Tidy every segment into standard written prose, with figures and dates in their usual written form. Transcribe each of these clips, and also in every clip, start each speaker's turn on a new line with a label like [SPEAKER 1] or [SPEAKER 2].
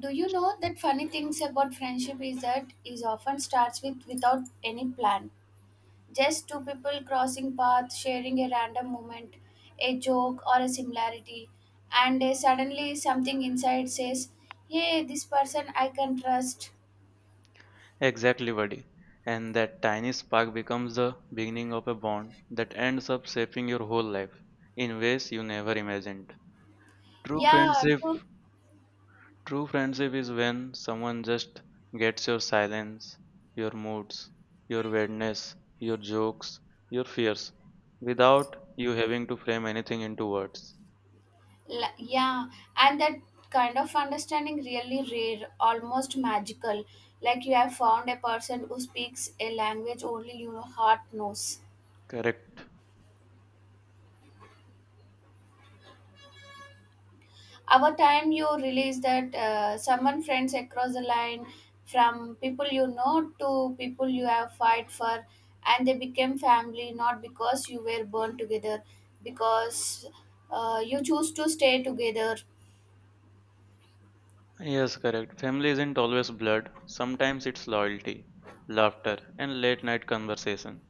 [SPEAKER 1] Do you know that funny things about friendship is that is often starts with without any plan. Just two people crossing paths, sharing a random moment, a joke or a similarity, and suddenly something inside says, "Hey, this person I can trust."
[SPEAKER 2] Exactly, buddy. And that tiny spark becomes the beginning of a bond that ends up shaping your whole life in ways you never imagined. True
[SPEAKER 1] Yeah,
[SPEAKER 2] friendship,
[SPEAKER 1] true.
[SPEAKER 2] true friendship is when someone just gets your silence, your moods, your weirdness, your jokes, your fears, without you having to frame anything into words.
[SPEAKER 1] Yeah, and that kind of understanding really rare, almost magical. Like you have found a person who speaks a language only your heart knows.
[SPEAKER 2] Correct.
[SPEAKER 1] Our time you realize that someone friends across the line from people you know to people you have fight for, and they became family not because you were born together, because you choose to stay together.
[SPEAKER 2] Yes, correct. Family isn't always blood. Sometimes it's loyalty, laughter, and late night conversation.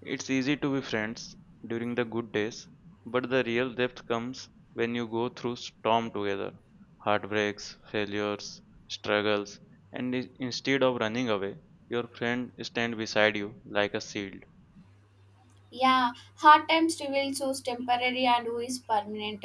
[SPEAKER 2] It's easy to be friends during the good days, but the real depth comes when you go through storm together, heartbreaks, failures, struggles, and instead of running away, your friend stand beside you like a shield.
[SPEAKER 1] Yeah, hard times reveals who's temporary and who is permanent.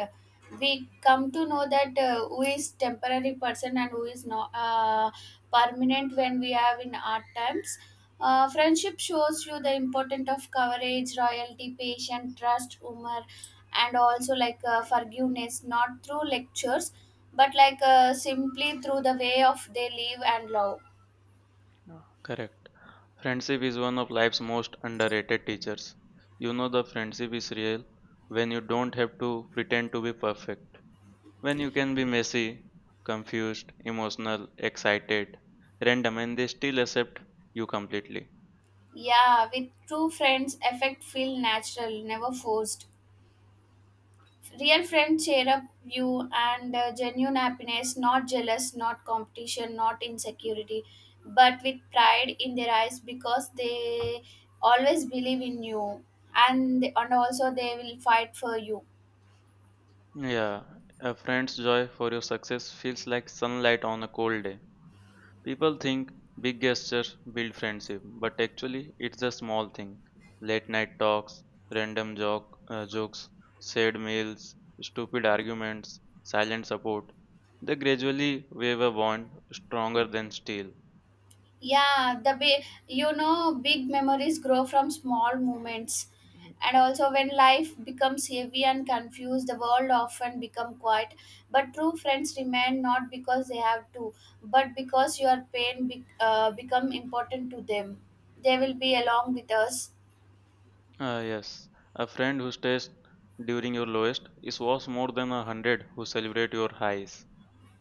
[SPEAKER 1] We come to know that who is temporary person and who is not permanent when we have in hard times. Friendship shows you the importance of courage, royalty, patience, trust, humor, and also like forgiveness, not through lectures, but like simply through the way of they live and love.
[SPEAKER 2] Yeah, correct. Friendship is one of life's most underrated teachers. You know the friendship is real when you don't have to pretend to be perfect, when you can be messy, confused, emotional, excited, random, and they still accept you completely.
[SPEAKER 1] Yeah, with true friends, effect feel natural, never forced. Real friends share up you and genuine happiness, not jealous, not competition, not insecurity, but with pride in their eyes because they always believe in you, and also they will fight for you.
[SPEAKER 2] Yeah, a friend's joy for your success feels like sunlight on a cold day. People think big gestures build friendship, but actually, it's a small thing. Late night talks, random jokes, sad meals, stupid arguments, silent support. They gradually weave a bond stronger than steel.
[SPEAKER 1] Yeah, the big, you know, big memories grow from small moments. And also, when life becomes heavy and confused, the world often become quiet, but true friends remain, not because they have to, but because your pain become important to them. They will be along with us.
[SPEAKER 2] Ah, yes, a friend who stays during your lowest is worth more than 100 who celebrate your highs.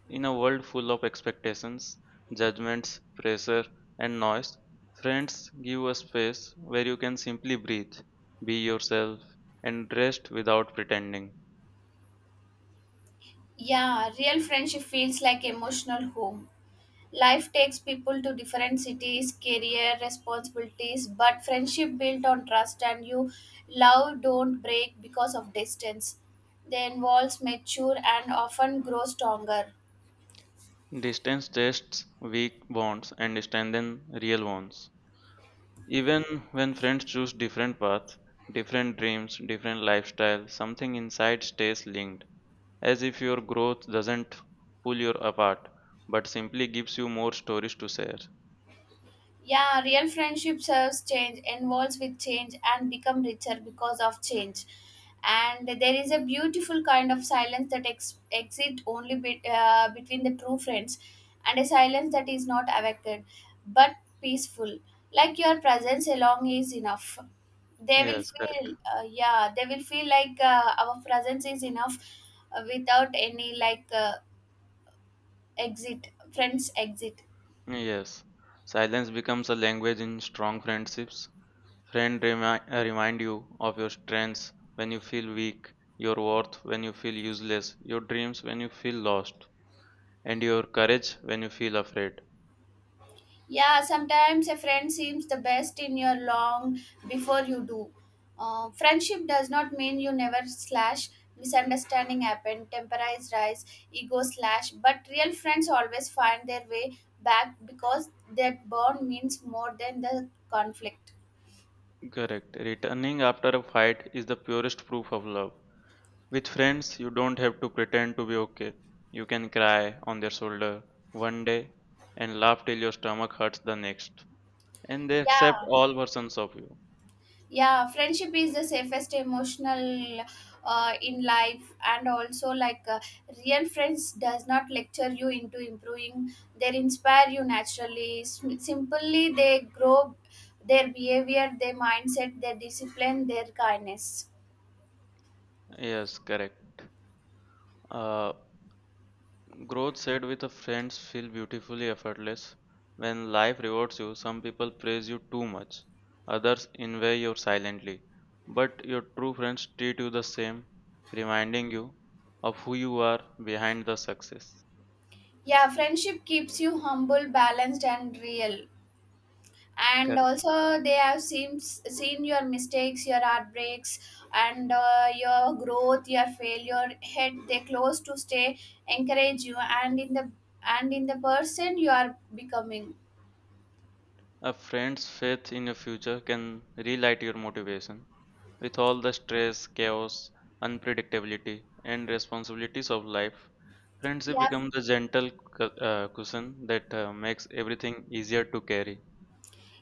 [SPEAKER 2] In a world full of expectations, judgments, pressure, and noise, friends give a space where you can simply breathe, be yourself, and rest without pretending.
[SPEAKER 1] Yeah, real friendship feels like emotional home. Life takes people to different cities, career, responsibilities, but friendship built on trust and you love don't break because of distance. They involves mature and often grow stronger.
[SPEAKER 2] Distance tests weak bonds and strengthens real ones. Even when friends choose different paths, different dreams, different lifestyles, something inside stays linked, as if your growth doesn't pull you apart but simply gives you more stories to share.
[SPEAKER 1] Yeah, real friendship serves change, involves with change, and become richer because of change. And there is a beautiful kind of silence that exists only between the true friends, and a silence that is not affected but peaceful. Like your presence alone is enough. They will
[SPEAKER 2] Yes, correct.
[SPEAKER 1] feel, yeah, they will feel like our presence is enough, without any like exit, friends exit.
[SPEAKER 2] Yes, silence becomes a language in strong friendships. Remind you of your strengths when you feel weak, your worth when you feel useless, your dreams when you feel lost, and your courage when you feel afraid.
[SPEAKER 1] Yeah, sometimes a friend seems the best in your long before you do. Friendship does not mean you never slash. Misunderstanding happen, temporize rise, ego slash. But real friends always find their way back because that bond means more than the conflict.
[SPEAKER 2] Correct. Returning after a fight is the purest proof of love. With friends, you don't have to pretend to be okay. You can cry on their shoulder one day and laugh till your stomach hurts the next. And they accept
[SPEAKER 1] Yeah.
[SPEAKER 2] all versions of you.
[SPEAKER 1] Yeah, friendship is the safest emotional in life. And also like real friends does not lecture you into improving, they inspire you naturally. Simply they grow, their behavior, their mindset, their discipline, their kindness.
[SPEAKER 2] Yes, correct. Uh, Growth shared with a friends feel beautifully effortless. When life rewards you, some people praise you too much, others envy you silently. But your true friends treat you the same, reminding you of who you are behind the success.
[SPEAKER 1] Yeah, friendship keeps you humble, balanced, and real. And
[SPEAKER 2] Correct.
[SPEAKER 1] also they have seen your mistakes, your heartbreaks, and your growth, your failure head, they close to stay, encourage you, and in the person you are becoming.
[SPEAKER 2] A friend's faith in your future can relight your motivation. With all the stress, chaos, unpredictability, and responsibilities of life, friendship
[SPEAKER 1] Yeah.
[SPEAKER 2] becomes the gentle cushion that makes everything easier to carry.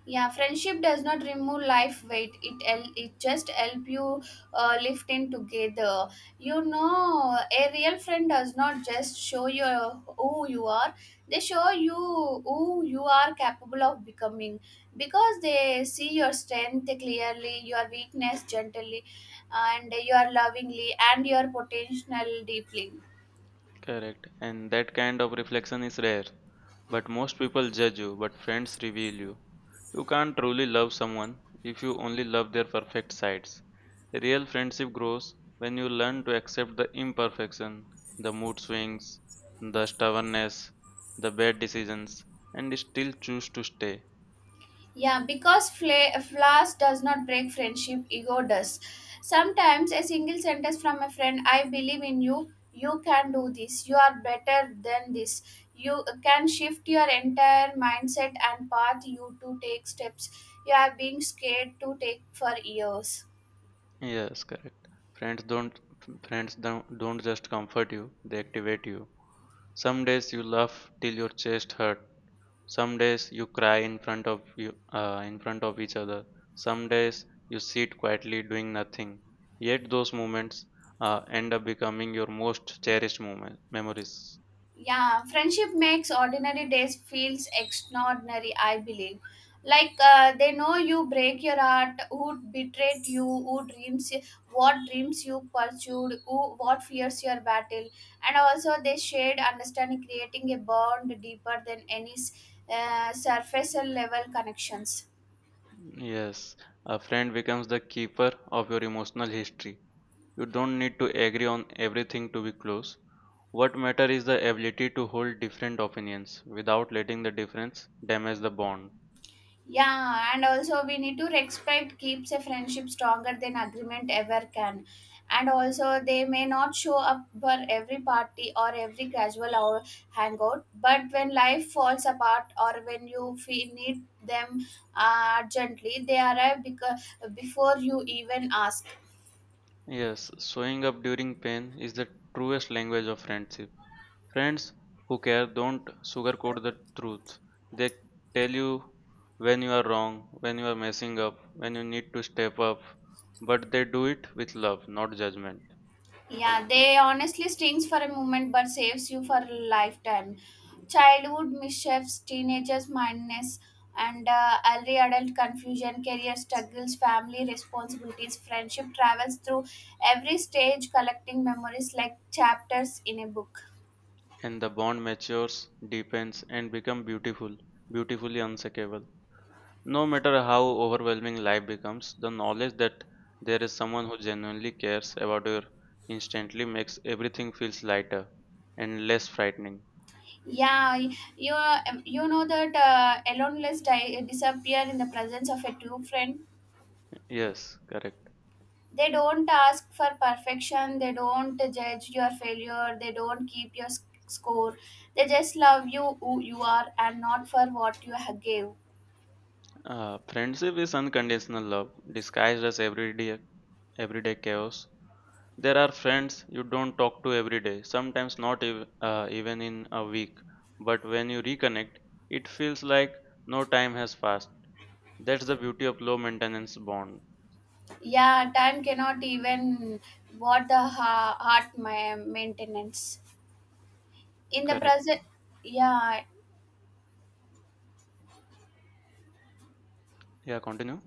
[SPEAKER 1] Yeah, friendship does not remove life weight, it just help you lift in together. You know, a real friend does not just show you who you are, they show you who you are capable of becoming, because they see your strength clearly, your weakness gently, and your lovingly, and your potential deeply.
[SPEAKER 2] Correct. And that kind of reflection is rare. But most people judge you, but friends reveal you. You can't truly love someone if you only love their perfect sides. Real friendship grows when you learn to accept the imperfection, the mood swings, the stubbornness, the bad decisions, and still choose to stay.
[SPEAKER 1] Yeah, because flaws does not break friendship, ego does. Sometimes a single sentence from a friend, I believe in you, you can do this, you are better than this. You can shift your entire mindset and path you to take steps you have been scared to take for years.
[SPEAKER 2] Yes, correct. Friends don't friends don't just comfort you, they activate you. Some days you laugh till your chest hurts. Some days you cry in front of each other. Some days you sit quietly doing nothing. Yet those moments end up becoming your most cherished moment memories.
[SPEAKER 1] Yeah, friendship makes ordinary days feels extraordinary, I believe. Like they know you break your heart, who betrayed you, who dreams, what dreams you pursued, who, what fears your battle. And also they shared understanding, creating a bond deeper than any surface level connections.
[SPEAKER 2] Yes, a friend becomes the keeper of your emotional history. You don't need to agree on everything to be close. What matters is the ability to hold different opinions without letting the difference damage the bond.
[SPEAKER 1] Yeah, and also we need to respect keeps a friendship stronger than agreement ever can. And also they may not show up for every party or every casual or hangout, but when life falls apart or when you feel need them urgently, they arrive because before you even ask.
[SPEAKER 2] Yes, showing up during pain is the truest language of friendship. Friends who care don't sugarcoat the truth. They tell you when you are wrong, when you are messing up, when you need to step up, but they do it with love, not judgment.
[SPEAKER 1] Yeah, they honestly stings for a moment but saves you for a lifetime. Childhood mischiefs, teenagers' madness, and early adult confusion, career struggles, family responsibilities, friendship travels through every stage, collecting memories like chapters in a book.
[SPEAKER 2] And the bond matures, deepens, and becomes beautiful, beautifully unshakable. No matter how overwhelming life becomes, the knowledge that there is someone who genuinely cares about you instantly makes everything feels lighter and less frightening.
[SPEAKER 1] Yeah, you know that aloneness disappear in the presence of a true friend.
[SPEAKER 2] Yes, correct.
[SPEAKER 1] They don't ask for perfection, they don't judge your failure, they don't keep your score, they just love you who you are and not for what you gave.
[SPEAKER 2] Friendship is unconditional love, disguised as everyday chaos. There are friends you don't talk to every day, sometimes not even in a week. But when you reconnect, it feels like no time has passed. That's the beauty of low maintenance bond.
[SPEAKER 1] Yeah, time cannot even what the heart maintenance in the
[SPEAKER 2] Correct.
[SPEAKER 1] present. Yeah.
[SPEAKER 2] Yeah, continue.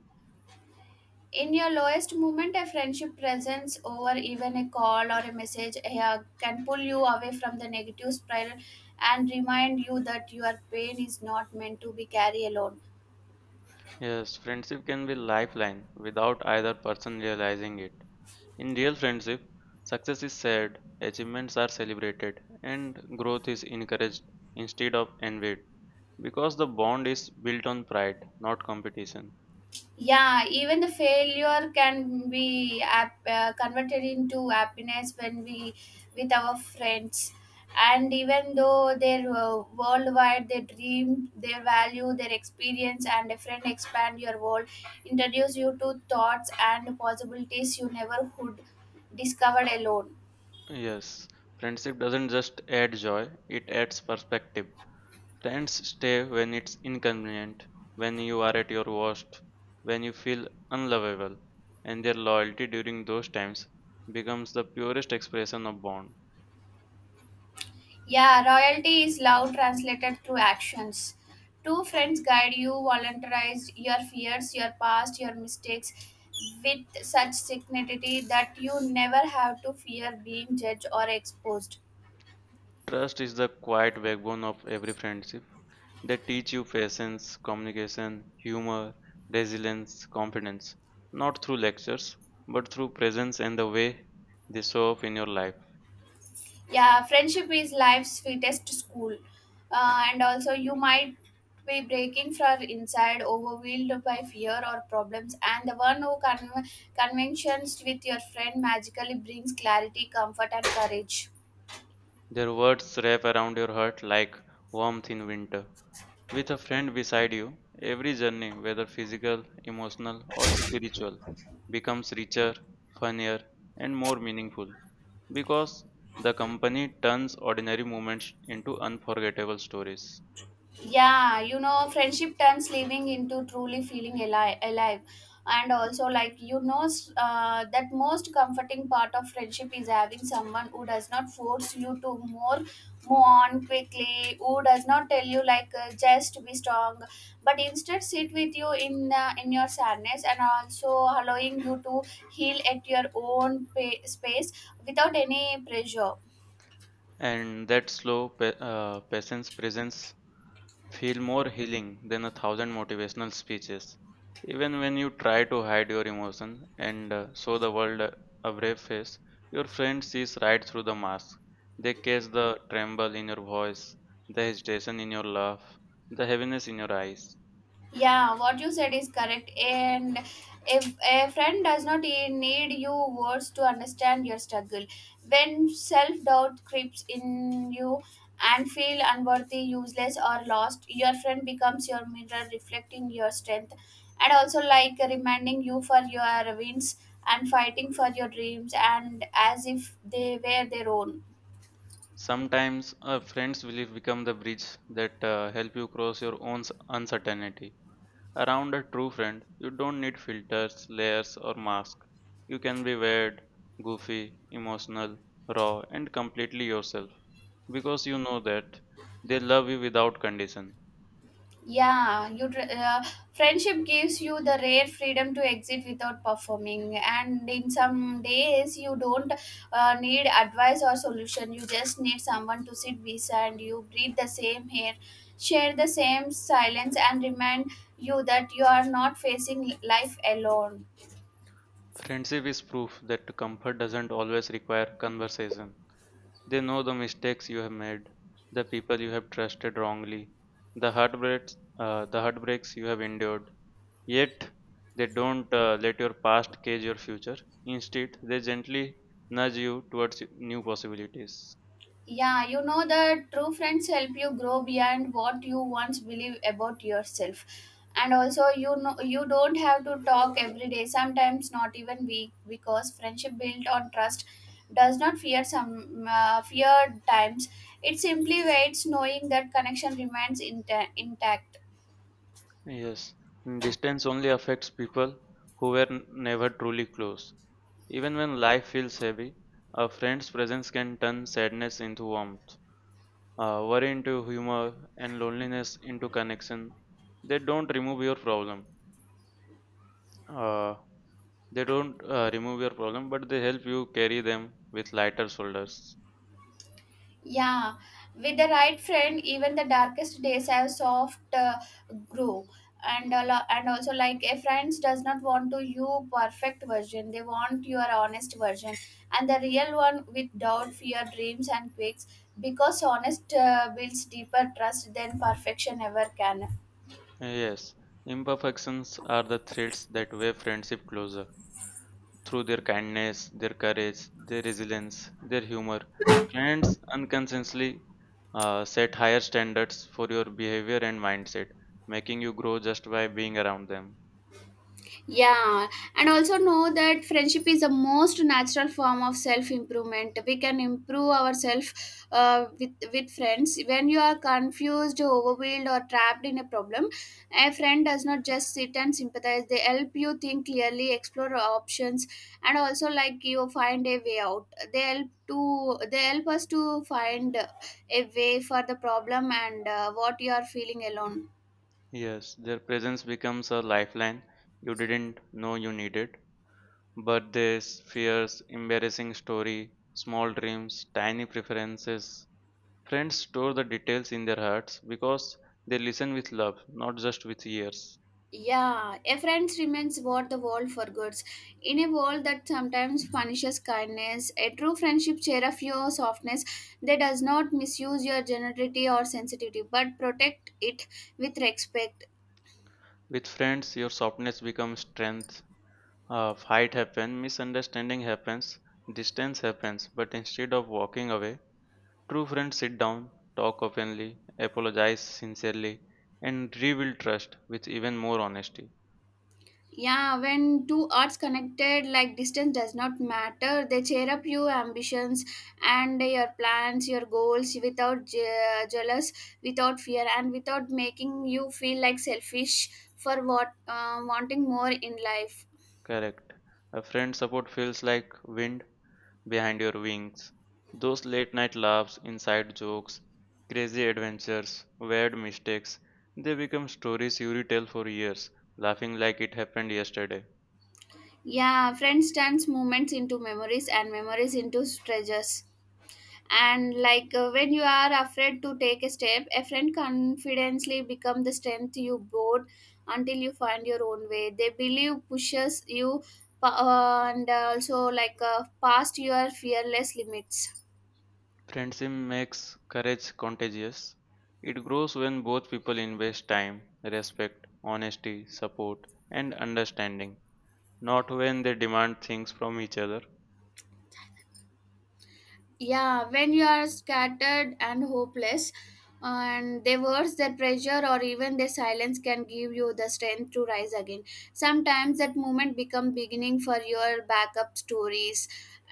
[SPEAKER 1] In your lowest moment, a friendship presence over even a call or a message, yeah, can pull you away from the negative spiral and remind you that your pain is not meant to be carried alone.
[SPEAKER 2] Yes, friendship can be lifeline without either person realizing it. In real friendship, success is shared, achievements are celebrated, and growth is encouraged instead of envied because the bond is built on pride, not competition.
[SPEAKER 1] Yeah, even the failure can be converted into happiness when we with our friends. And even though their worldwide, their dream, their value, their experience, and a friend expand your world, introduce you to thoughts and possibilities you never could discover alone.
[SPEAKER 2] Yes, friendship doesn't just add joy, it adds perspective. Friends stay when it's inconvenient, when you are at your worst, when you feel unlovable, and their loyalty during those times becomes the purest expression of bond.
[SPEAKER 1] Yeah, royalty is love translated through actions. Two friends guide you, volunteerize your fears, your past, your mistakes with such dignity that you never have to fear being judged or exposed.
[SPEAKER 2] Trust is the quiet backbone of every friendship. They teach you patience, communication, humor, resilience, confidence, not through lectures, but through presence and the way they show up in your life.
[SPEAKER 1] Yeah, friendship is life's sweetest school. And also, you might be breaking from inside, overwhelmed by fear or problems, and the one who conventions with your friend magically brings clarity, comfort, and courage.
[SPEAKER 2] Their words wrap around your heart like warmth in winter. With a friend beside you, every journey, whether physical, emotional, or spiritual, becomes richer, funnier, and more meaningful because the company turns ordinary moments into unforgettable stories.
[SPEAKER 1] Yeah, you know, friendship turns living into truly feeling alive, alive. And also, like, you know, that most comforting part of friendship is having someone who does not force you to more move on quickly, who does not tell you like just be strong, but instead sit with you in, in your sadness, and also allowing you to heal at your own space without any pressure.
[SPEAKER 2] And that patient's presence feel more healing than 1,000 motivational speeches. Even when you try to hide your emotion and show the world a brave face, your friend sees right through the mask. They catch the tremble in your voice, the hesitation in your laugh, the heaviness in your eyes.
[SPEAKER 1] Yeah, what you said is correct. And if a friend does not need your words to understand your struggle, when self doubt creeps in you and feel unworthy, useless, or lost, your friend becomes your mirror, reflecting your strength and also like reminding you for your wins and fighting for your dreams and as if they were their own.
[SPEAKER 2] Sometimes a friend's belief become the bridge that help you cross your own uncertainty. Around a true friend, you don't need filters, layers, or masks. You can be weird, goofy, emotional, raw, and completely yourself because you know that they love you without condition.
[SPEAKER 1] Yeah, friendship gives you the rare freedom to exit without performing, and in some days you don't need advice or solution. You just need someone to sit beside you, breathe the same air, share the same silence, and remind you that you are not facing life alone.
[SPEAKER 2] Friendship is proof that comfort doesn't always require conversation. They know the mistakes you have made, the people you have trusted wrongly, the heartbreaks you have endured, yet they don't let your past cage your future. Instead, they gently nudge you towards new possibilities.
[SPEAKER 1] Yeah, you know that true friends help you grow beyond what you once believe about yourself. And also, you know, you don't have to talk every day, sometimes not even week, because friendship built on trust does not fear some fear times. It simply waits, knowing that connection remains intact.
[SPEAKER 2] Yes, distance only affects people who were never truly close. Even when life feels heavy, a friend's presence can turn sadness into warmth, worry into humor, and loneliness into connection. They don't remove your problem. Uh, they don't remove your problem, but they help you carry them with lighter shoulders.
[SPEAKER 1] Yeah, with the right friend, even the darkest days have soft grow. And and also like a friends does not want to you perfect version. They want your honest version, and the real one with doubt, fear, dreams, and quakes. Because honest builds deeper trust than perfection ever can.
[SPEAKER 2] Yes, imperfections are the threads that weave friendship closer. Through their kindness, their courage, their resilience, their humor, friends unconsciously set higher standards for your behavior and mindset, making you grow just by being around them.
[SPEAKER 1] Yeah, and also know that friendship is the most natural form of self improvement. We can improve ourselves with friends. When you are confused, overwhelmed, or trapped in a problem, a friend does not just sit and sympathize. They help you think clearly, explore options, and also like you find a way out. They help us to find a way for the problem and what you are feeling alone.
[SPEAKER 2] Yes, their presence becomes a lifeline you didn't know you needed. Birthdays, fears, embarrassing story, small dreams, tiny preferences, friends store the details in their hearts because they listen with love, not just with ears.
[SPEAKER 1] Yeah, a friend remains what the world forgets. In a world that sometimes punishes kindness, a true friendship share of your softness that does not misuse your generosity or sensitivity, but protect it with respect.
[SPEAKER 2] With friends, your softness becomes strength. A fight happens, misunderstanding happens, distance happens, but instead of walking away, true friends sit down, talk openly, apologize sincerely, and rebuild trust with even more honesty.
[SPEAKER 1] Yeah, when two hearts connected, like distance does not matter. They cheer up your ambitions and your plans, your goals without jealous, without fear, and without making you feel like selfish for what wanting more in life.
[SPEAKER 2] Correct. A friend's support feels like wind behind your wings. Those late night laughs, inside jokes, crazy adventures, weird mistakes, they become stories you retell for years, laughing like it happened yesterday.
[SPEAKER 1] Yeah, friends turns moments into memories and memories into treasures. And when you are afraid to take a step, a friend confidently become the strength you board until you find your own way. They believe pushes you pa- and also past your fearless limits.
[SPEAKER 2] Friendship makes courage contagious. It grows when both people invest time, respect, honesty, support, and understanding, not when they demand things from each other.
[SPEAKER 1] Yeah, when you are scattered and hopeless, and they words their pressure or even their silence can give you the strength to rise again. Sometimes that moment become beginning for your backup stories.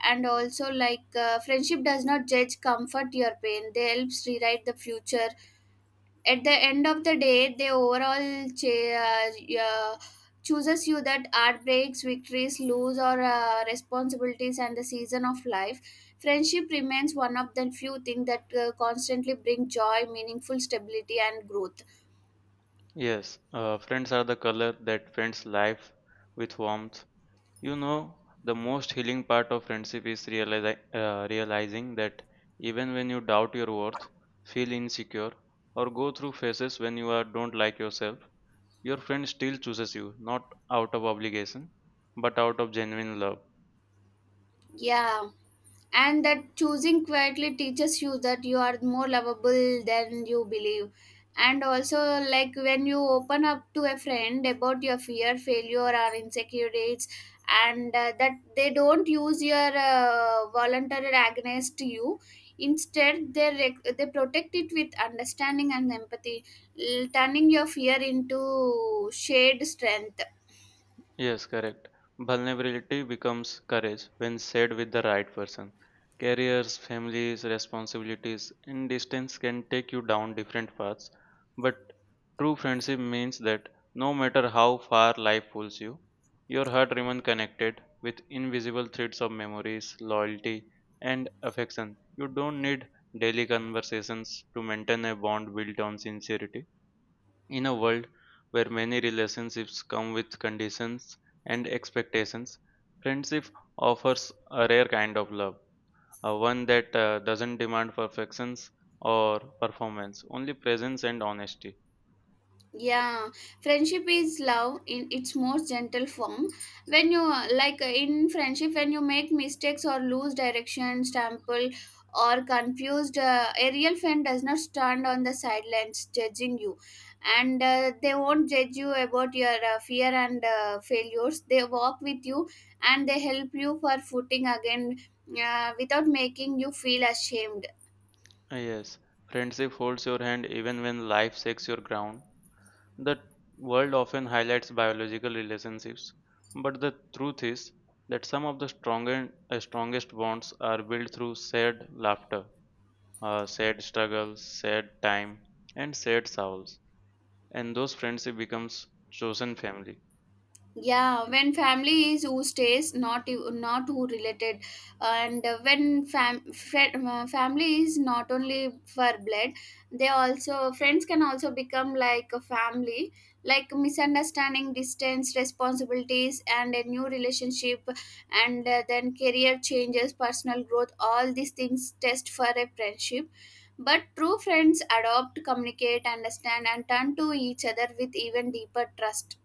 [SPEAKER 1] And also friendship does not judge, comfort your pain, they helps rewrite the future. At the end of the day, they overall chooses you, that heartbreaks, victories, lose, or responsibilities and the season of life. Friendship remains one of the few things that constantly bring joy, meaningful stability and growth.
[SPEAKER 2] Yes, friends are the color that paints life with warmth. You know, the most healing part of friendship is realizing that even when you doubt your worth, feel insecure, or go through phases when you are don't like yourself, your friend still chooses you, not out of obligation, but out of genuine love.
[SPEAKER 1] Yeah, and that choosing quietly teaches you that you are more lovable than you believe. And also, like, when you open up to a friend about your fear, failure or insecurities, and that they don't use your voluntary against you, instead they they protect it with understanding and empathy, turning your fear into shared strength.
[SPEAKER 2] Yes, correct. Vulnerability becomes courage when said with the right person. Careers, families, responsibilities, and distance can take you down different paths. But true friendship means that no matter how far life pulls you, your heart remains connected with invisible threads of memories, loyalty, and affection. You don't need daily conversations to maintain a bond built on sincerity. In a world where many relationships come with conditions and expectations, friendship offers a rare kind of love, one that doesn't demand perfections or performance, only presence and honesty.
[SPEAKER 1] Yeah, friendship is love in its most gentle form. When you in friendship, when you make mistakes or lose direction, stumble or confused, a real friend does not stand on the sidelines judging you. And they won't judge you about your fear and failures, they walk with you and they help you for footing again, without making you feel ashamed.
[SPEAKER 2] Yes, friendship holds your hand even when life shakes your ground. The world often highlights biological relationships, but the truth is that some of the strongest bonds are built through shared laughter, sad struggles, sad time, and sad souls. And those friendship becomes chosen family.
[SPEAKER 1] Yeah, when family is who stays, not who related. And when family is not only for blood, they also, friends can also become like a family. Like misunderstanding, distance, responsibilities and a new relationship, and then career changes, personal growth, all these things test for a friendship. But true friends adopt, communicate, understand and turn to each other with even deeper trust.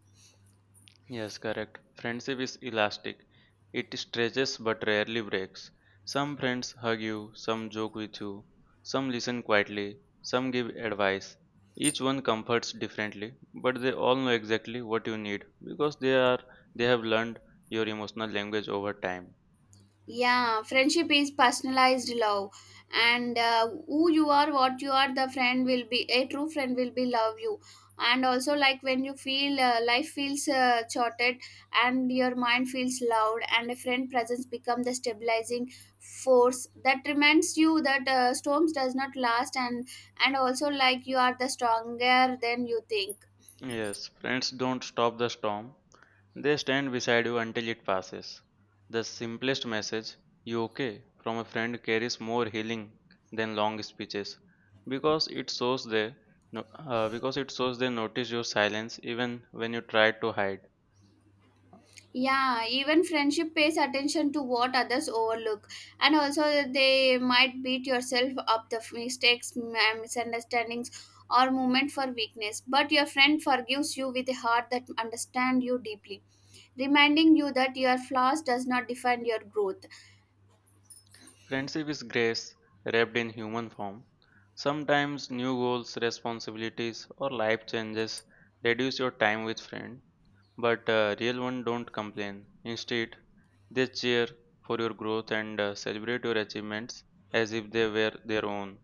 [SPEAKER 2] Yes, correct. Friendship is elastic. It stretches but rarely breaks. Some friends hug you, some joke with you, some listen quietly, some give advice. Each one comforts differently, but they all know exactly what you need because they have learned your emotional language over time.
[SPEAKER 1] Yeah, friendship is personalized love. And who you are, what you are, the friend will be, a true friend will be love you. And also like when you feel life feels shorted and your mind feels loud, and a friend presence become the stabilizing force that reminds you that storms does not last. And also like you are the stronger than you think.
[SPEAKER 2] Yes, friends don't stop the storm, they stand beside you until it passes. The simplest message, you okay, from a friend carries more healing than long speeches because it shows they no, because it shows they notice your silence even when you try to hide.
[SPEAKER 1] Yeah, even friendship pays attention to what others overlook. And also they might beat yourself up the mistakes, misunderstandings or moment for weakness, but your friend forgives you with a heart that understands you deeply, reminding you that your flaws does not define your growth.
[SPEAKER 2] Friendship is grace wrapped in human form. Sometimes new goals, responsibilities, or life changes reduce your time with friend, but real one don't complain. Instead, they cheer for your growth and celebrate your achievements as if they were their own.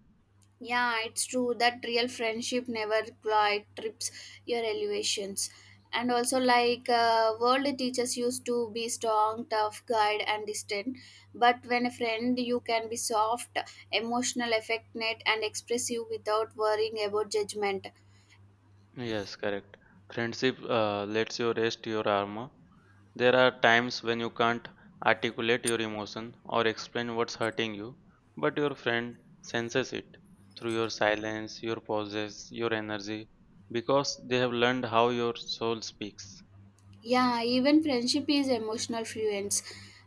[SPEAKER 1] Yeah, it's true that real friendship never quite trips your elevations. And also, world teachers used to be strong, tough, guide, and distant. But when a friend, you can be soft, emotional, affectionate, and expressive without worrying about judgment.
[SPEAKER 2] Yes, correct. Friendship lets you rest your armor. There are times when you can't articulate your emotion or explain what's hurting you, but your friend senses it through your silence, your pauses, your energy, because they have learned how your soul speaks.
[SPEAKER 1] Yeah, even friendship is emotional fluence.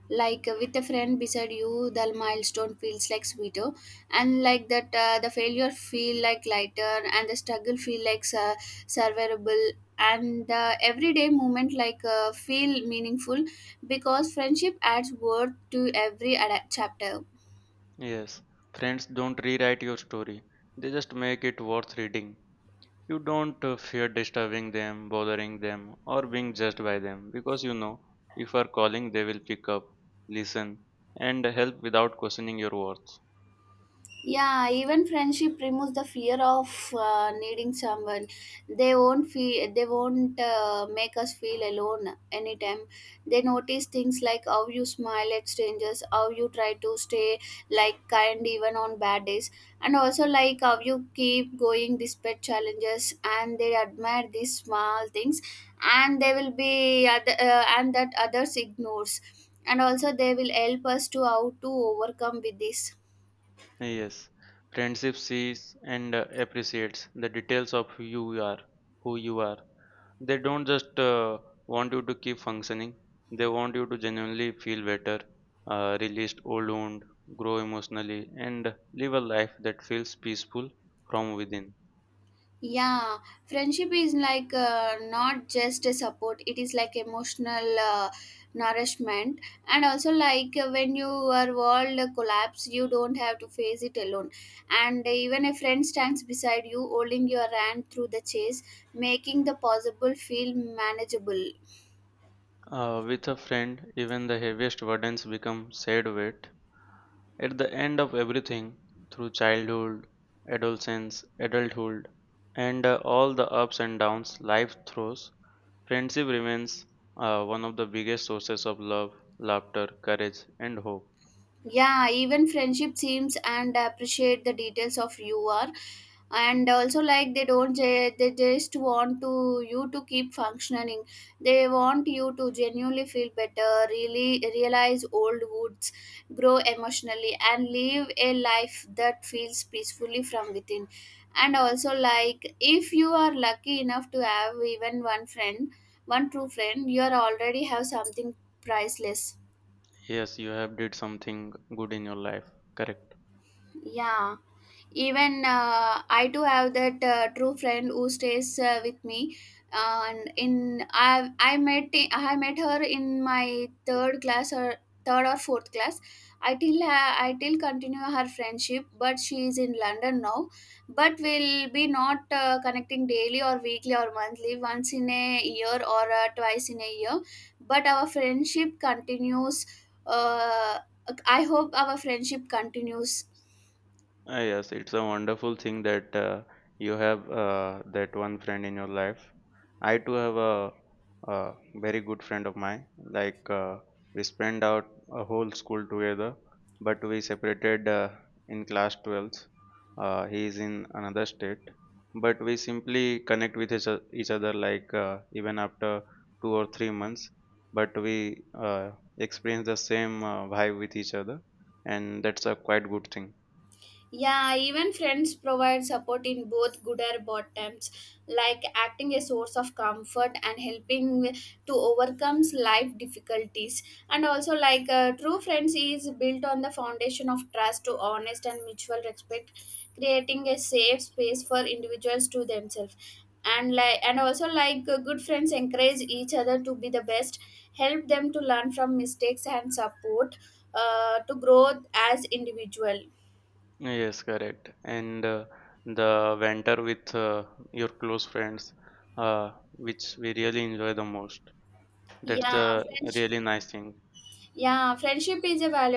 [SPEAKER 1] With a friend beside you, the milestone feels like sweeter, and like that, the failure feel like lighter, and the struggle feel like survivable, and the everyday moment feel meaningful because friendship adds worth to every chapter.
[SPEAKER 2] Yes, friends don't rewrite your story. They just make it worth reading. You don't fear disturbing them, bothering them, or being judged by them because you know if you are calling, they will pick up, listen, and help without questioning your worth.
[SPEAKER 1] Yeah, even friendship removes the fear of needing someone. They won't feel, they won't make us feel alone anytime. They notice things like how you smile at strangers, how you try to stay like kind even on bad days, and also like how you keep going despite challenges. And they admire these small things, and they will be other, and that others ignores. And also they will help us to how to overcome with this.
[SPEAKER 2] Yes, friendship sees and appreciates the details of who you are. They don't just want you to keep functioning. They want you to genuinely feel better, release old wound, grow emotionally, and live a life that feels peaceful from within.
[SPEAKER 1] Yeah, friendship is not just a support, it is like emotional nourishment. And also when your world collapse, you don't have to face it alone, and even a friend stands beside you holding your hand through the chase, making the possible feel manageable.
[SPEAKER 2] With a friend, even the heaviest burdens become sad weight. At the end of everything, through childhood, adolescence, adulthood, and all the ups and downs life throws, friendship remains one of the biggest sources of love, laughter, courage, and hope.
[SPEAKER 1] Yeah, even friendship seems and appreciate the details of you are. And also like they don't ju- they just want to you to keep functioning, they want you to genuinely feel better, really realize old woods, grow emotionally and live a life that feels peacefully from within. And also like if you are lucky enough to have even one friend, one true friend, you are already have something priceless.
[SPEAKER 2] Yes, you have did something good in your life. Correct.
[SPEAKER 1] Yeah, even I too have that true friend who stays with me. And in I met her in my third class, or third or fourth class. I I till continue her friendship, but she is in London now. But we'll be not connecting daily or weekly or monthly, once in a year or twice in a year, but our friendship continues. uh, I hope our friendship continues.
[SPEAKER 2] Ah, yes, it's a wonderful thing that you have that one friend in your life. I too have a very good friend of mine. Like we spent out a whole school together, but we separated in class 12th. He is in another state, but we simply connect with each other like even after 2 or 3 months. But we experience the same vibe with each other, and that's a quite good thing.
[SPEAKER 1] Yeah, even friends provide support in both good or bad times, like acting a source of comfort and helping to overcome life difficulties. And also, true friends is built on the foundation of trust, to honest and mutual respect, creating a safe space for individuals to themselves. And like, and also good friends encourage each other to be the best, help them to learn from mistakes and support to grow as individual.
[SPEAKER 2] Yes, correct. And the banter with your close friends, which we really enjoy the most. That's
[SPEAKER 1] Yeah,
[SPEAKER 2] the
[SPEAKER 1] French.
[SPEAKER 2] really nice thing.
[SPEAKER 1] Yeah, friendship is a valuable.